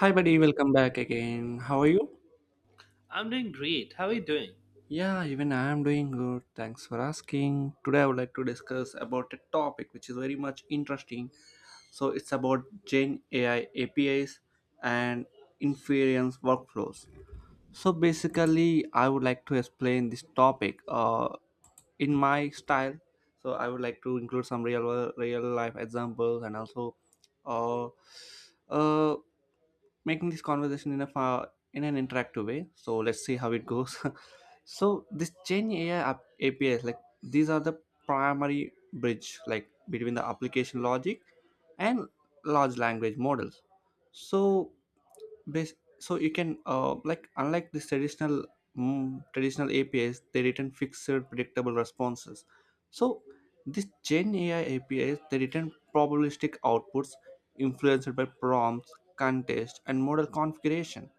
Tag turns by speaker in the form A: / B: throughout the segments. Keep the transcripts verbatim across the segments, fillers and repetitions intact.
A: Hi, buddy, welcome back again. How are you?
B: I'm doing great. How are you doing?
A: Yeah, even I am doing good. Thanks for asking. Today, I would like to discuss about a topic which is very much interesting. So, it's about Gen A I A P Is and inference workflows. So, basically, I would like to explain this topic uh, in my style. So, I would like to include some real real life examples and also uh, uh, making this conversation in a fa- in an interactive way. So let's see how it goes. So this Gen A I app- A P Is, like these are the primary bridge, like between the application logic and large language models. So Bas- so you can uh, like unlike this traditional mm, traditional A P Is, they return fixed predictable responses. So this gen A I A P Is, they return probabilistic outputs influenced by prompts, context, and model configuration.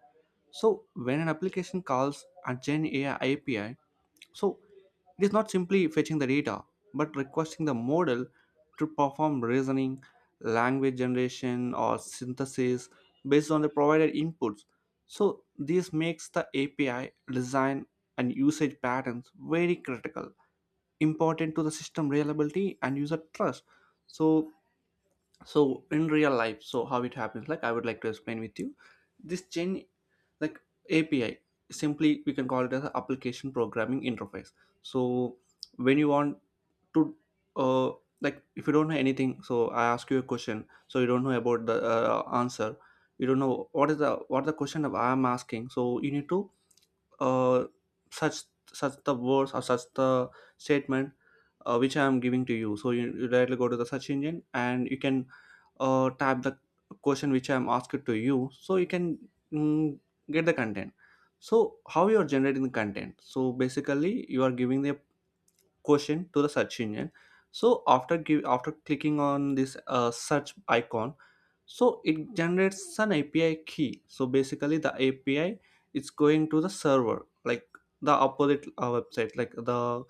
A: So when an application calls a gen A I A P I, so it is not simply fetching the data, but requesting the model to perform reasoning, language generation, or synthesis based on the provided inputs. So, this makes the A P I design and usage patterns very critical, important to the system reliability and user trust. So, so in real life, so how it happens, like I would like to explain with you, this chain, like A P I simply we can call it as an application programming interface. So when you want to uh, like if you don't know anything, so I ask you a question, so you don't know about the uh, answer, you don't know what is the what the question of I'm asking, so you need to uh, search search the words or search the statement uh, which I am giving to you. So you, you directly go to the search engine and you can uh, type the question which I am asking to you, so you can mm, get the content. So how you are generating the content, so basically you are giving the question to the search engine. So after give after clicking on this uh, search icon, so it generates an A P I key. So basically the A P I is going to the server, like the opposite uh, website, like the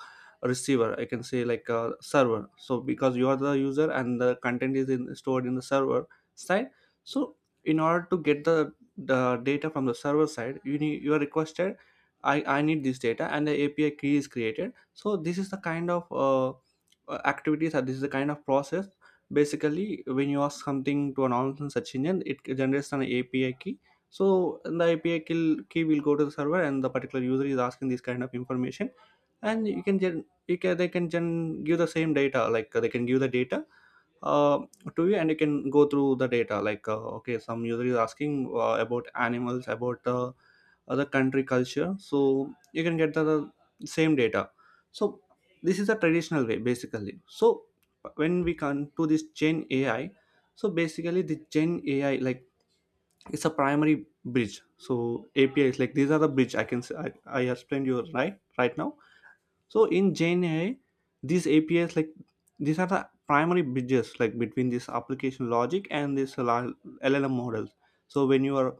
A: receiver, I can say, like a server, so because you are the user and the content is in, stored in the server side. So in order to get the, the data from the server side, you need you are requested, i i need this data and the A P I key is created. So this is the kind of uh, uh, activities, or this is the kind of process, basically when you ask something to an online search engine, it generates an A P I key. So the A P I key key will go to the server and the particular user is asking this kind of information, and you can gen you can they can gen give the same data, like they can give the data uh, to you, and you can go through the data, like uh, okay, some user is asking uh, about animals, about uh, other country culture, so you can get the, the same data. So this is a traditional way basically. So when we come to this gen A I, so basically the gen A I, like it's a primary bridge, so apis like these are the bridge, I can say, i, I explained you right right now. So in gen A I, these A P Is like these are the primary bridges, like between this application logic and this la- L L M models. So when you are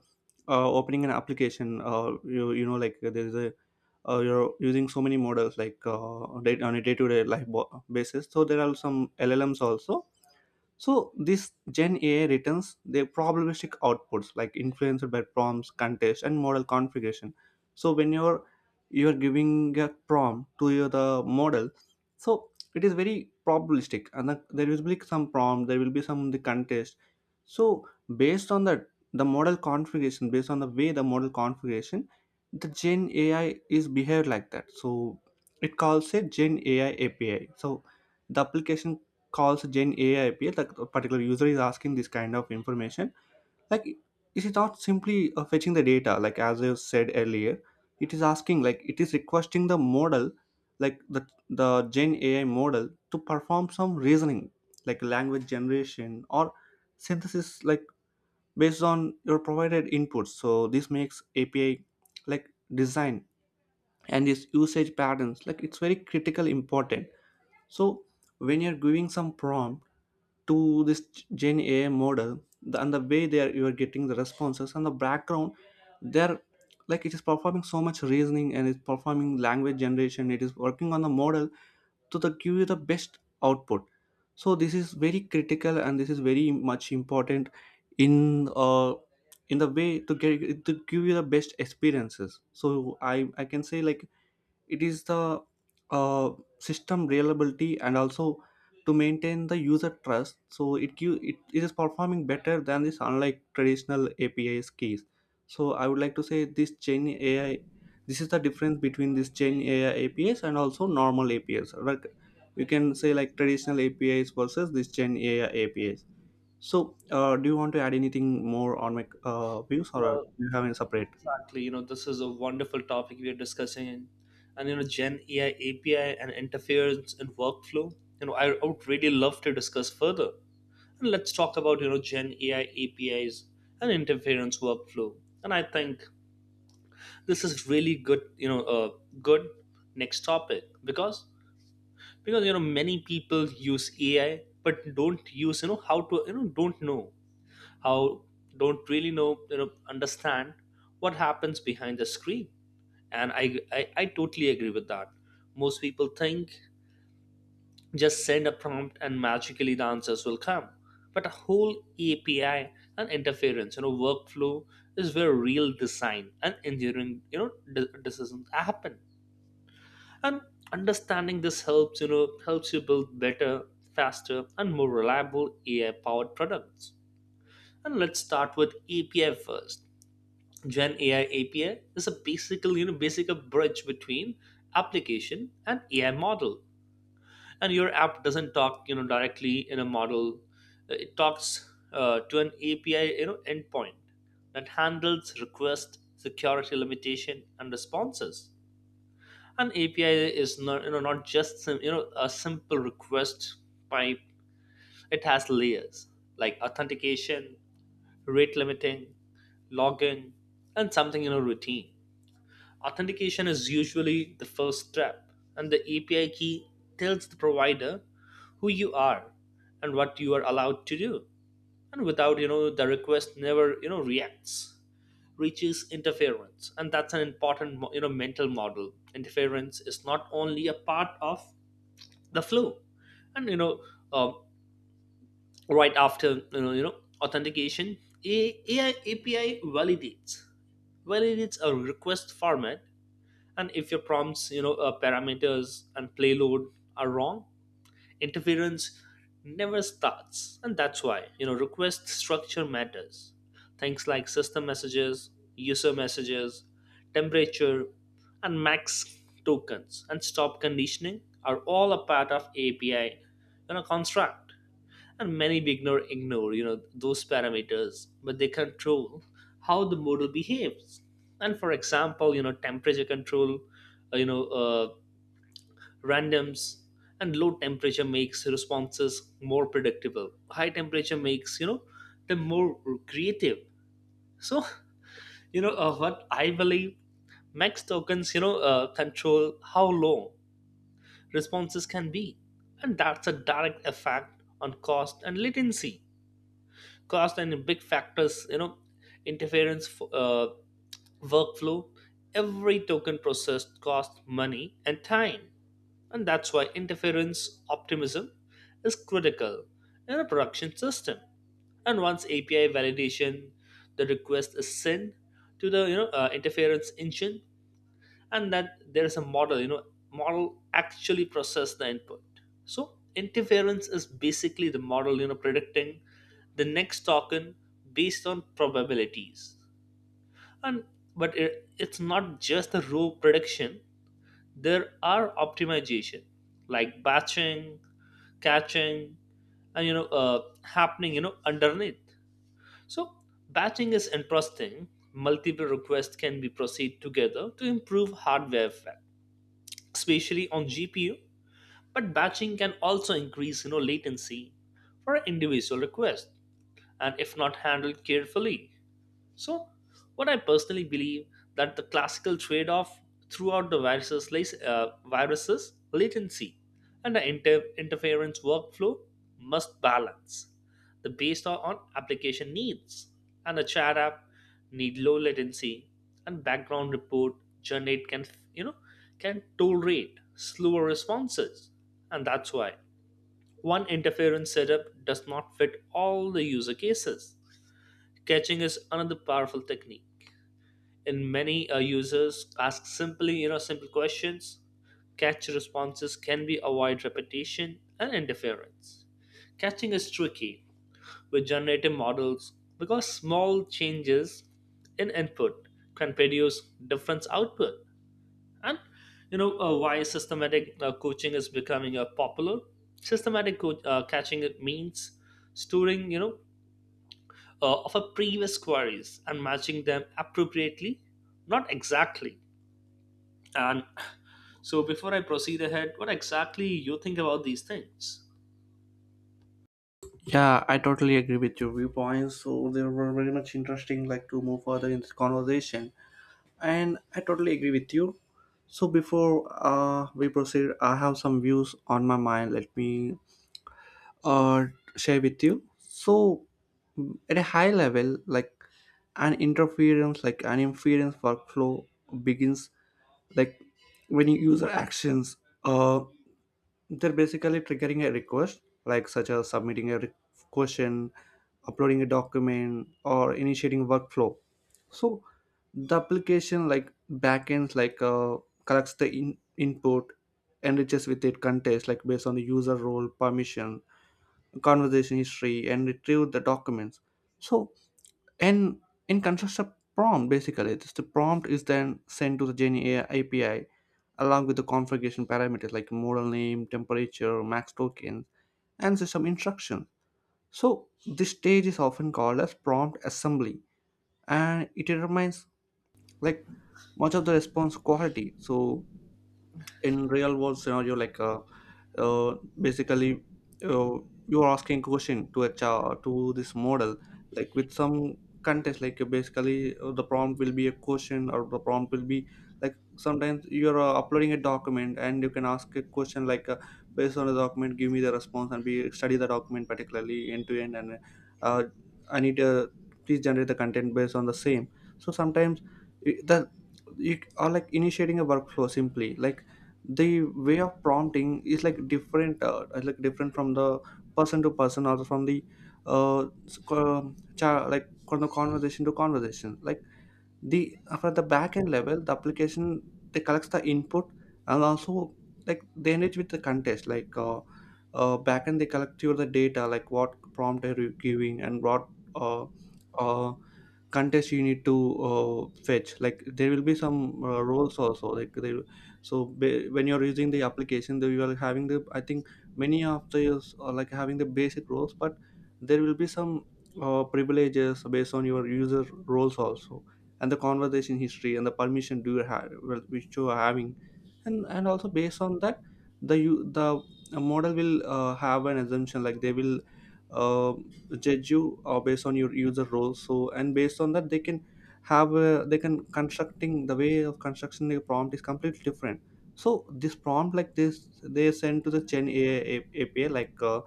A: uh, opening an application, uh, you, you know like there's a, uh, you're using so many models, like uh, day, on a day-to-day life bo- basis. So there are some L L Ms also. So this Gen A I returns their probabilistic outputs, like influenced by prompts, context, and model configuration. So when you're you're giving a prompt to your the model, so it is very probabilistic, and the, there will be some prompt, there will be some the context. So based on that, the model configuration, based on the way the model configuration, the Gen A I is behaved like that. So it calls a Gen A I A P I. So the application calls Gen A I appear, like a particular user is asking this kind of information, like is it is not simply uh, fetching the data? Like as I said earlier, it is asking, like it is requesting the model, like the the Gen A I model to perform some reasoning, like language generation or synthesis, like based on your provided inputs. So this makes A P I, like design and its usage patterns, like it's very critical important. So when you're giving some prompt to this Gen A I model the, and the way they are you are getting the responses and the background they're, like it is performing so much reasoning, and it's performing language generation, it is working on the model to the, give you the best output. So this is very critical and this is very much important in uh, in the way to get to give you the best experiences. So i i can say, like it is the uh, system reliability and also to maintain the user trust. So it, give, it it is performing better than this unlike traditional A P Is keys. So I would like to say this gen A I, this is the difference between this gen A I A P Is and also normal A P Is, like you can say, like traditional A P Is versus this gen A I A P Is. So uh, do you want to add anything more on my uh, views, or
B: Well,
A: do you have any separate.
B: exactly. You know, this is a wonderful topic we are discussing, and you know, Gen A I A P I and interference in workflow. You know, I would really love to discuss further. And let's talk about you know Gen A I A P Is and interference workflow. And I think this is really good. You know, uh, good next topic because because you know many people use A I but don't use you know how to you know don't know how don't really know you know understand what happens behind the screen. And I, I i totally agree with that. Most people think just send a prompt and magically the answers will come, but a whole API and interference you know workflow is where real design and engineering you know de- decisions happen. And understanding this helps you know helps you build better, faster, and more reliable AI powered products. And let's start with API first. Gen A I A P I is a basically, you know, basic a bridge between application and A I model. And your app doesn't talk, you know, directly in a model. Uh, It talks uh, to an A P I, you know, endpoint that handles request, security limitation, and responses. An A P I is not, you know, not just sim- you know a simple request pipe. It has layers like authentication, rate limiting, logging, and something you know routine. Authentication is usually the first step, and the A P I key tells the provider who you are and what you are allowed to do. And without, you know, the request never, you know, reacts, reaches interference. And that's an important, you know, mental model. Interference is not only a part of the flow. And, you know, um, right after, you know, you know authentication, A- AI A P I validates validates a request format, and if your prompts you know uh, parameters and payload are wrong, interference never starts. And that's why you know request structure matters. Things like system messages, user messages, temperature, and max tokens and stop conditioning are all a part of API you know construct. And many beginner ignore you know those parameters, but they control how the model behaves. And for example, you know temperature control, uh, you know uh, randoms. And low temperature makes responses more predictable, high temperature makes you know them more creative. So you know uh, what I believe, max tokens you know uh, control how long responses can be. And that's a direct effect on cost and latency. Cost and big factors, you know interference f- uh, workflow, every token processed costs money and time. And that's why interference optimism is critical in a production system. And once API validation, the request is sent to the you know uh, interference engine. And that there is a model, you know model actually process the input. So interference is basically the model you know predicting the next token based on probabilities. And but it, it's not just the raw prediction. There are optimization like batching, catching, and you know uh, happening you know underneath. So batching is interesting, multiple requests can be proceed together to improve hardware effect, especially on G P U. But batching can also increase you know, latency for an individual request and if not handled carefully. So what I personally believe, that the classical trade-off throughout the viruses lies uh, viruses latency, and the inter- interference workflow must balance. The based on on application needs. And a chat app need low latency, and background report generate can you know can tolerate slower responses. And that's why one interference setup does not fit all the user cases. Catching is another powerful technique, and many uh, users ask simply you know simple questions. Catch responses can be avoid repetition and interference. Catching is tricky with generative models because small changes in input can produce different output. And you know uh, why systematic uh, coaching is becoming uh, popular. Systematic co- uh, catching, it means storing you know uh, of a previous queries and matching them appropriately, not exactly. And so before I proceed ahead, what exactly you think about these things?
A: Yeah, I totally agree with your viewpoints. So they were very much interesting, like to move further in this conversation. And I totally agree with you. So before uh, we proceed, I have some views on my mind. Let me uh, share with you. So at a high level, like an interference, like an inference workflow begins, like when you user actions, uh, they're basically triggering a request, like such as submitting a re- question, uploading a document, or initiating workflow. So the application, like backends, like uh, collects the in- input, enriches with it context, like based on the user role permission, conversation history, and retrieve the documents. So and in constructs a prompt, basically this the prompt is then sent to the gen A I A P I along with the configuration parameters, like model name, temperature, max token, and system instruction. So this stage is often called as prompt assembly, and it determines, like much of the response quality. So in real world scenario, like uh, uh, basically, uh, you're asking question to a to this model, like with some context, like uh, basically uh, the prompt will be a question, or the prompt will be, like sometimes you're uh, uploading a document and you can ask a question, like uh, based on the document give me the response and be study the document particularly end to end, and uh, I need to please generate the content based on the same. So sometimes I- the you are like initiating a workflow simply, like the way of prompting is like different, uh, is like different from the person to person, or from the uh s- co- um, cha- like from the conversation to conversation, like the for the back end level, the application, they collects the input, and also, like they engage with the context, like uh, uh back end they collect your the data, like what prompt are you giving, and what uh, uh contest you need to uh, fetch, like there will be some uh, roles also, like they, so ba- when you're using the application, they are having the, I think many of these are like having the basic roles, but there will be some uh, privileges based on your user roles also, and the conversation history and the permission do you have, well, which you are having. And and also based on that, the you the model will uh, have an assumption, like they will uh, judge you uh, based on your user role. So, and based on that, they can have uh, they can constructing, the way of construction the prompt is completely different. So this prompt like this they send to the gen A I A P I, like uh,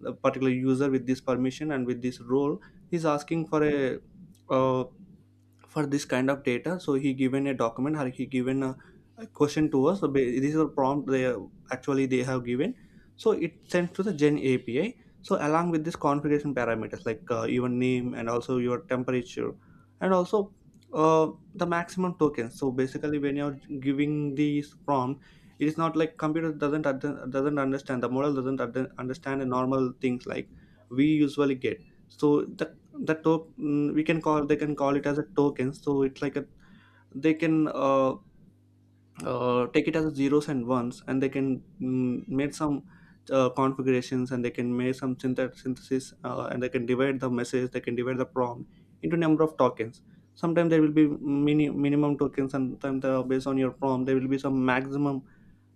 A: the particular user with this permission and with this role, he's asking for a uh, for this kind of data. So he given a document, or he given a, a question to us. So ba- this is a prompt they have- actually they have given. So it sent to the gen A P I, so along with this configuration parameters, like uh, your name and also your temperature, and also uh, the maximum tokens. So basically when you're giving these prompt, it is not like computer doesn't ad- doesn't understand, the model doesn't ad- understand the normal things like we usually get. So the the top, mm, we can call they can call it as a token. So it's like a, they can uh, uh, Take it as a zeros and ones and they can mm, make some uh, configurations and they can make some synthet- synthesis uh, and they can divide the message they can divide the prompt into number of tokens. Sometimes there will be mini- minimum tokens, and sometimes the- based on your prompt there will be some maximum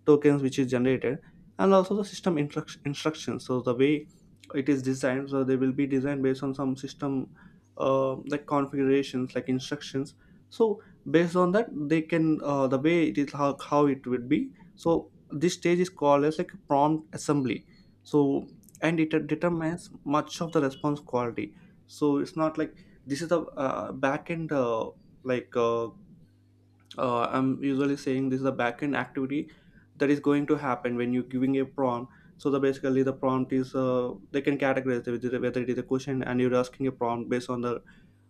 A: tokens which is generated. And also the system instruct- instructions. So the way it is designed, so they will be designed based on some system uh, like configurations, like instructions. So based on that they can uh, the way it is, how, how it would be. So this stage is called as like a prompt assembly. So, and it determines much of the response quality. So it's not like this is the uh, backend uh, like uh, uh, I'm usually saying this is a backend activity that is going to happen when you're giving a prompt. So the, basically the prompt is, uh, they can categorize it, whether whether it is a question and you're asking a prompt based on the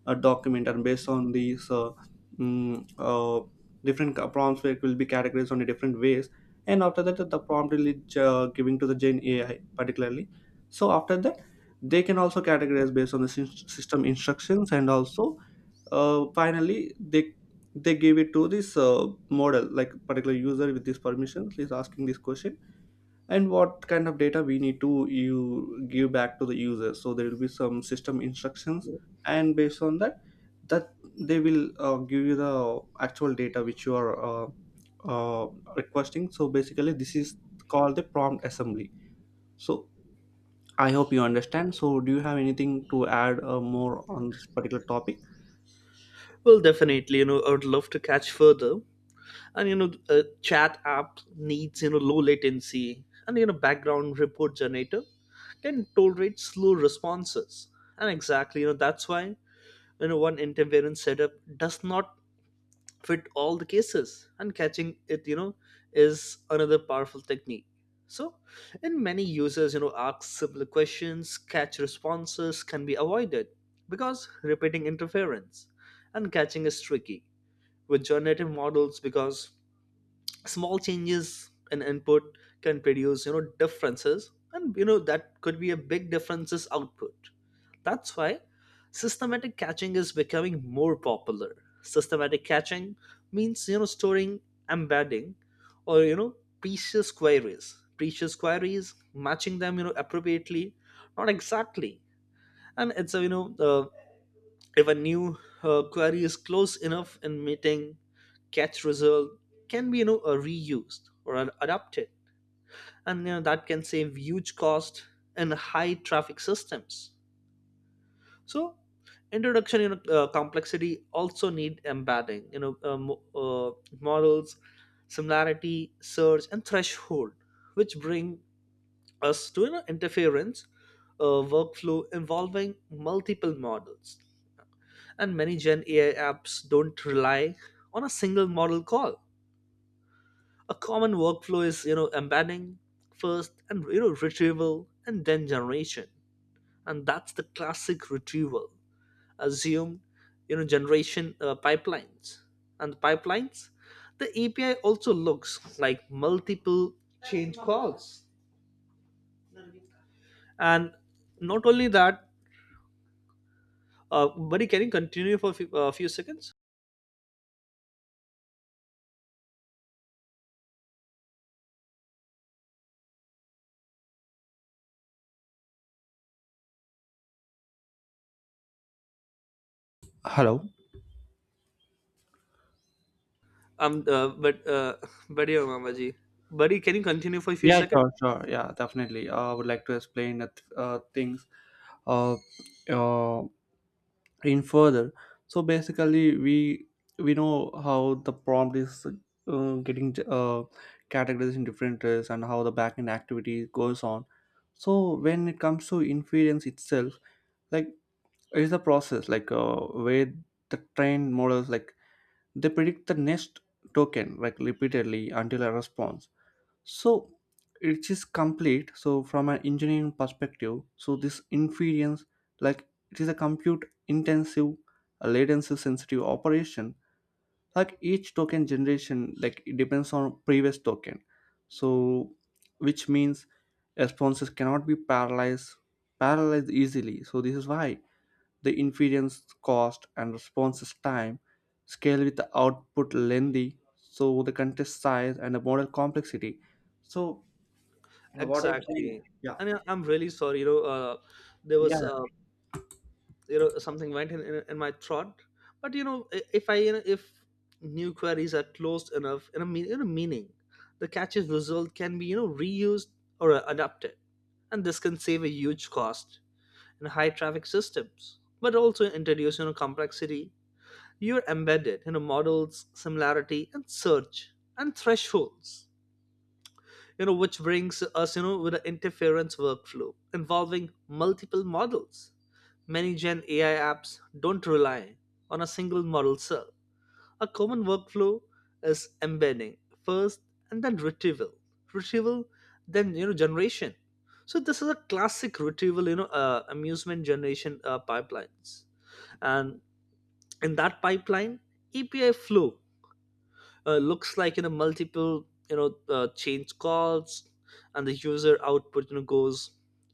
A: uh, document, and based on these uh, mm, uh, different ca- prompts that will be categorized on a different ways. And after that, the prompt will be uh, giving to the Gen A I particularly. So after that, they can also categorize based on the sys- system instructions, and also uh, finally they they gave it to this uh, model, like particular user with these permissions is asking this question, and what kind of data we need to you give back to the user. So there will be some system instructions, and based on that that they will uh, give you the actual data which you are uh, uh, requesting. So basically this is called the prompt assembly. So I hope you understand. So do you have anything to add uh, more on this particular topic?
B: Well, definitely, you know, I would love to catch further. And, you know, a chat app needs, you know, low latency, and, you know, background report generator can tolerate slow responses. And exactly, you know, that's why, you know, one interference setup does not fit all the cases. And catching it, you know is another powerful technique. So in many users, you know ask simple questions, catch responses can be avoided because repeating interference. And catching is tricky with generative models because small changes in input can produce you know differences, and you know that could be a big differences output. That's why systematic catching is becoming more popular. Systematic catching means you know storing, embedding, or you know precious queries, precious queries, matching them you know appropriately, not exactly. And it's a you know uh, if a new uh, query is close enough in meeting, catch result can be you know uh, reused or ad- adapted. And you know that can save huge cost in high traffic systems. So introduction you know uh, complexity also need embedding you know uh, mo- uh, models, similarity search and threshold, which bring us to you know, interference uh, workflow involving multiple models. And many Gen AI apps don't rely on a single model call. A common workflow is you know embedding first, and you know retrieval, and then generation. And that's the classic retrieval assumed you know generation uh, pipelines. And the pipelines, the API also looks like multiple change calls. And not only that, uh, buddy, can you continue for a few, uh, few seconds?
A: Hello.
B: Um uh, but uh, Buddy or mama ji. Buddy, can you continue for a few
A: Yeah,
B: seconds?
A: sure, sure. Yeah, definitely. Uh, I would like to explain that uh, things uh, uh, in further. So basically, we we know how the prompt is uh, getting uh, categorized in different ways, and how the backend activity goes on. So when it comes to inference itself, like, is the process like uh, where the trained models like, they predict the next token like repeatedly until a response, so it is complete. So from an engineering perspective, so this inference, like it is a compute intensive, a latency sensitive operation. Like each token generation, like it depends on previous token. So which means responses cannot be parallelized parallelized easily. So this is why the inference cost and responses time scale with the output lengthy. So the contest size and the model complexity. So what?
B: Exactly.
A: Yeah.
B: I I- i'm really sorry, you know uh, there
A: Yeah,
B: was uh, you know something went in, in, in my throat. But you know i- if I, you know, if new queries are closed enough in a, mean, in a meaning, the catch's result can be you know reused or uh, adapted, and this can save a huge cost in high traffic systems, but also introduce you know complexity. You're embedded in, you know, models similarity and search and thresholds, you know which brings us you know with the interference workflow involving multiple models. Many Gen AI apps don't rely on a single model cell. A common workflow is embedding first, and then retrieval, retrieval then you know generation. So this is a classic retrieval, you know uh, amusement generation uh, pipelines. And in that pipeline, API flow uh, looks like in a multiple you know uh, change calls. And the user output you know goes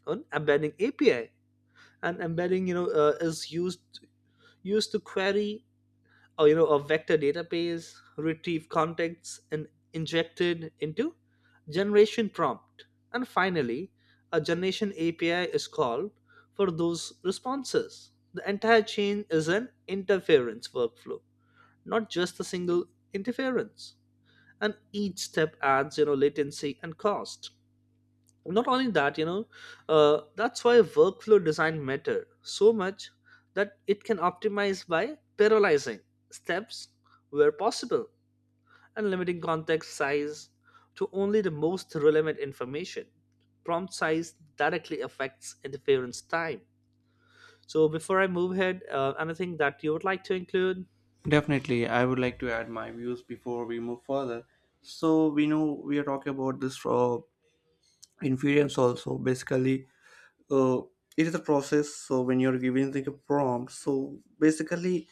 B: on embedding API, and embedding you know uh, is used used to query or you know a vector database, retrieve contexts and injected into generation prompt. And finally, a generation API is called for those responses. The entire chain is an interference workflow, not just a single interference. And each step adds you know latency and cost. Not only that, you know uh, that's why workflow design matter so much, that it can optimize by parallelizing steps where possible, and limiting context size to only the most relevant information. Prompt size directly affects interference time. So before I move ahead, uh, anything that you would like to include?
A: definitely. I would like to add my views before we move further. So we know we are talking about this uh, inference also. Basically, uh, it is a process. So when you're giving the prompt, so basically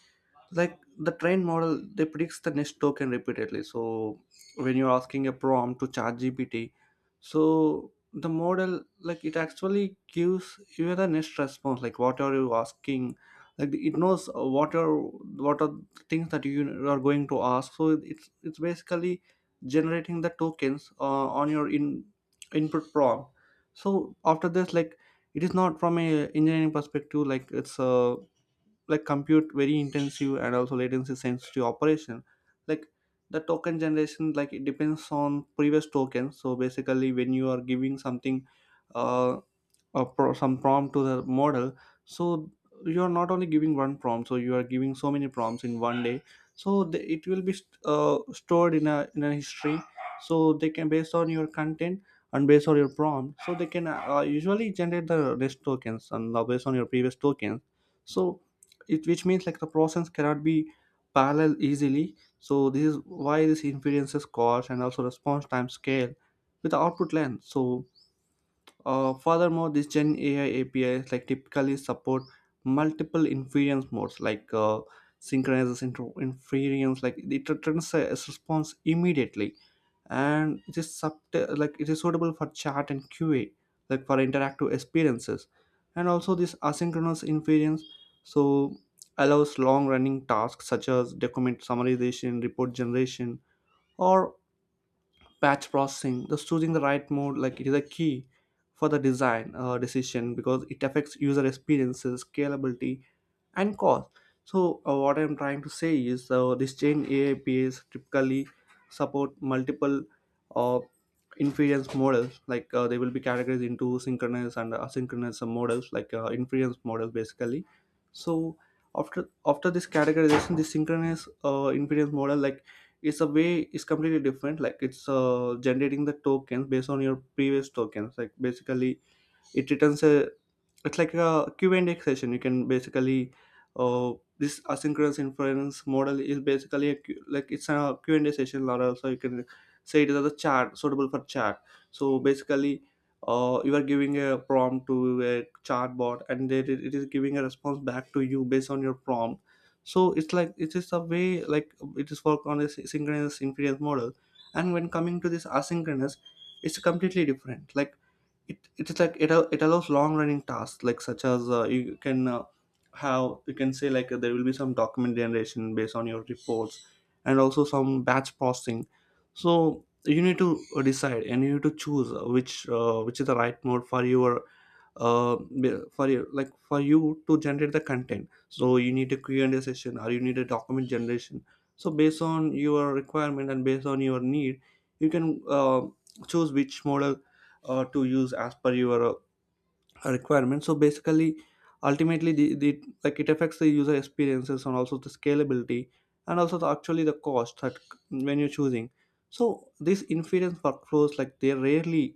A: like the train model they predicts the next token repeatedly. So when you're asking a prompt to chat gpt so the model, like, it actually gives you the next response, like what are you asking, like it knows what are what are the things that you are going to ask. So it's it's basically generating the tokens uh, on your in input prompt. So after this, like, it is not, from a engineering perspective, like it's a like compute very intensive and also latency sensitive operation, like the token generation, like it depends on previous token. So basically when you are giving something uh, a pro- some prompt to the model, so you're not only giving one prompt, so you are giving so many prompts in one day. So the, it will be st- uh, stored in a in a history. So they can, based on your content and based on your prompt, so they can uh, usually generate the rest tokens, and uh, based on your previous tokens. So it, which means like the process cannot be parallel easily. So this is why this influences cost and also response time scale with the output length. So uh, furthermore, these Gen A I A P Is like typically support multiple inference modes, like uh, synchronizes into inference, like it returns a a response immediately, and it is sub- like it is suitable for chat and Q A, like for interactive experiences. And also this asynchronous inference, so, allows long-running tasks such as document summarization, report generation, or batch processing. The choosing the right mode, like it is a key for the design uh, decision, because it affects user experiences, scalability, and cost. So uh, what I'm trying to say is, uh, this chain aapas typically support multiple uh, inference models, like uh, they will be categorized into synchronous and asynchronous models, like uh, inference models basically. So after after this categorization, the synchronous uh, inference model, like it's a way is completely different, like it's uh, generating the tokens based on your previous tokens, like basically it returns a, it's like a Q&A session, you can basically uh, this asynchronous inference model is basically a, Q- like it's a Q&A session, or also you can say it is a chat, suitable for chat. So basically uh, you are giving a prompt to a chatbot, and it, it is giving a response back to you based on your prompt. So it's like, it is a way, like it is work on a synchronous inference model. And when coming to this asynchronous, it's completely different, like it it's like it, al- it allows long running tasks, like such as uh, you can uh, have, you can say like uh, there will be some document generation based on your reports, and also some batch processing. So you need to uh, decide and you need to choose uh, which uh, which is the right mode for your uh, for you like for you to generate the content. So you need a Q&A session, or you need a document generation. So based on your requirement and based on your need, you can uh, choose which model uh, to use as per your uh, requirement. So basically ultimately the, the like it affects the user experiences and also the scalability, and also the, actually the cost, that when you're choosing. So these inference workflows like they rarely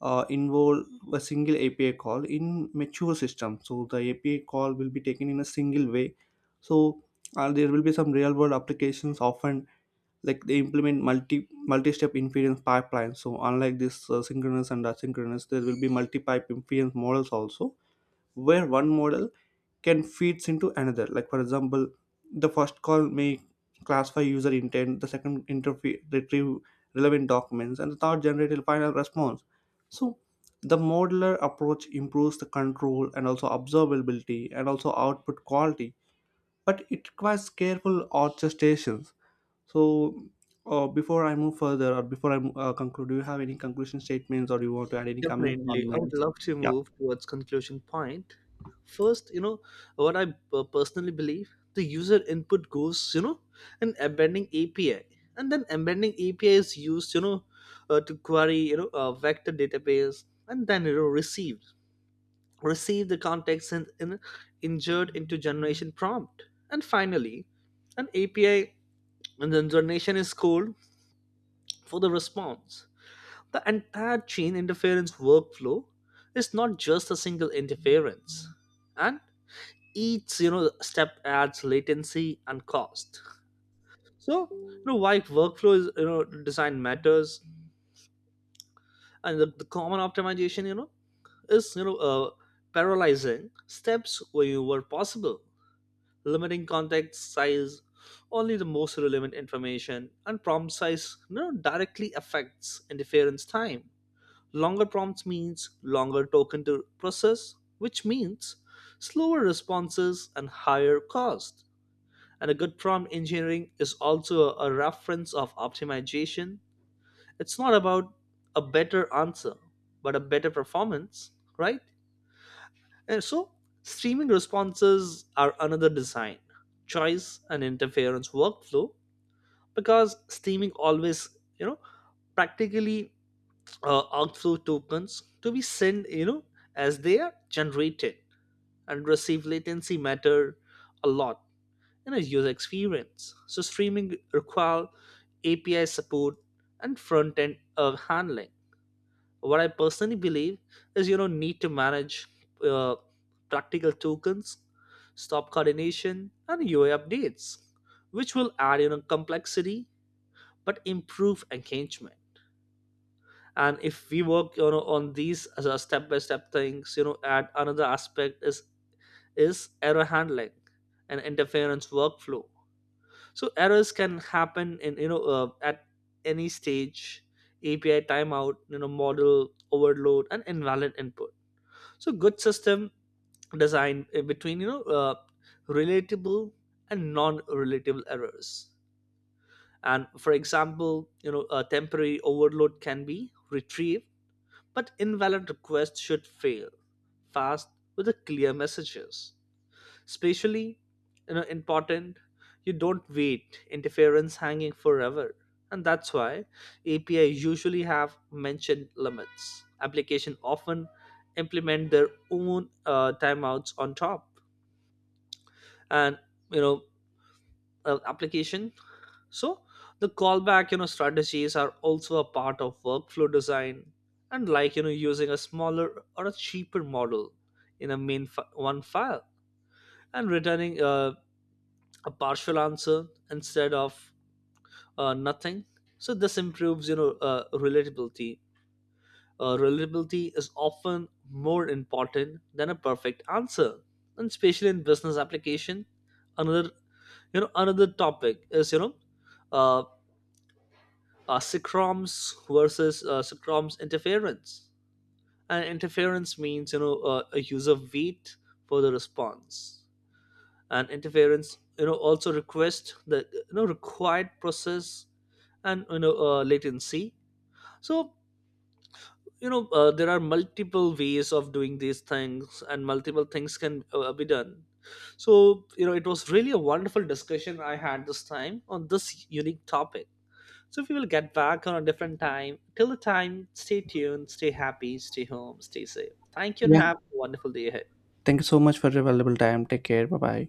A: uh, involve a single A P I call in mature system. So the A P I call will be taken in a single way. So uh, there will be some real world applications often like they implement multi multi-step inference pipelines. So unlike this uh, synchronous and asynchronous, there will be multi-pipe inference models also, where one model can feeds into another, like for example, the first call may classify user intent, the second interfe- retrieve relevant documents, and the third generate a final response. So the modular approach improves the control and also observability and also output quality, but it requires careful orchestrations. So uh, before I move further, or before I uh, conclude, do you have any conclusion statements, or do you want to add any comments
B: Definitely, I
A: on?
B: would love to
A: Yeah.
B: move towards conclusion point. First, you know what I uh, personally believe: the user input goes, you know, an embedding A P I, and then embedding A P I is used, you know, uh, to query, you know, a vector database, and then you know receive receive the context and in, injured into generation prompt. And finally, an A P I and then generation is called for the response. The entire chain interference workflow is not just a single interference, and each you know step adds latency and cost. So you know why workflow is you know design matters. And the, the common optimization, you know is you know uh, paralyzing steps where you were possible, limiting context size. Only the most relevant information, and prompt size you know, directly affects interference time. Longer prompts means longer token to process, which means slower responses and higher cost. And a good prompt engineering is also a reference of optimization. It's not about a better answer, but a better performance, right? And so, streaming responses are another design choice, and interference workflow, because streaming always, you know, practically uh, outflow tokens to be sent you know as they are generated. And receive latency matter a lot in a user experience. So streaming require API support and front end uh, handling. What I personally believe is you know need to manage uh, practical tokens, stop coordination and UI updates, which will add you know complexity but improve engagement. And if we work you know on these as a step by step things, you know add another aspect is, is error handling and interference workflow. So errors can happen in you know uh, at any stage, API timeout, you know model overload, and invalid input. So good system design in between, you know uh, relatable and non-relatable errors. And for example, you know a temporary overload can be retrieved. But invalid requests should fail fast with the clear messages. Especially, you know, important. You don't wait interference hanging forever, and that's why A P I usually have mentioned limits. Application often implement their own uh, timeouts on top. And, you know, uh, application, so the callback, you know, strategies are also a part of workflow design. And like you know, using a smaller or a cheaper model in a main fi- one file, and returning uh, a partial answer instead of uh, nothing. So this improves, you know, uh, relatability. Uh, relatability is often more important than a perfect answer, and especially in business application. Another, you know, another topic is you know, uh, uh, SICROMs versus uh, SICROMs interference. And interference means you know uh, a user wait for the response, and interference you know also request the you know required process and you know uh, latency. So you know uh, there are multiple ways of doing these things, and multiple things can uh, be done. So you know it was really a wonderful discussion I had this time on this unique topic. So we will get back on a different time. Till the time, stay tuned, stay happy, stay home, stay safe. Thank you and
A: Yeah,
B: have a wonderful day ahead.
A: thank you so much for your valuable time. Take care. Bye bye.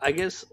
B: I guess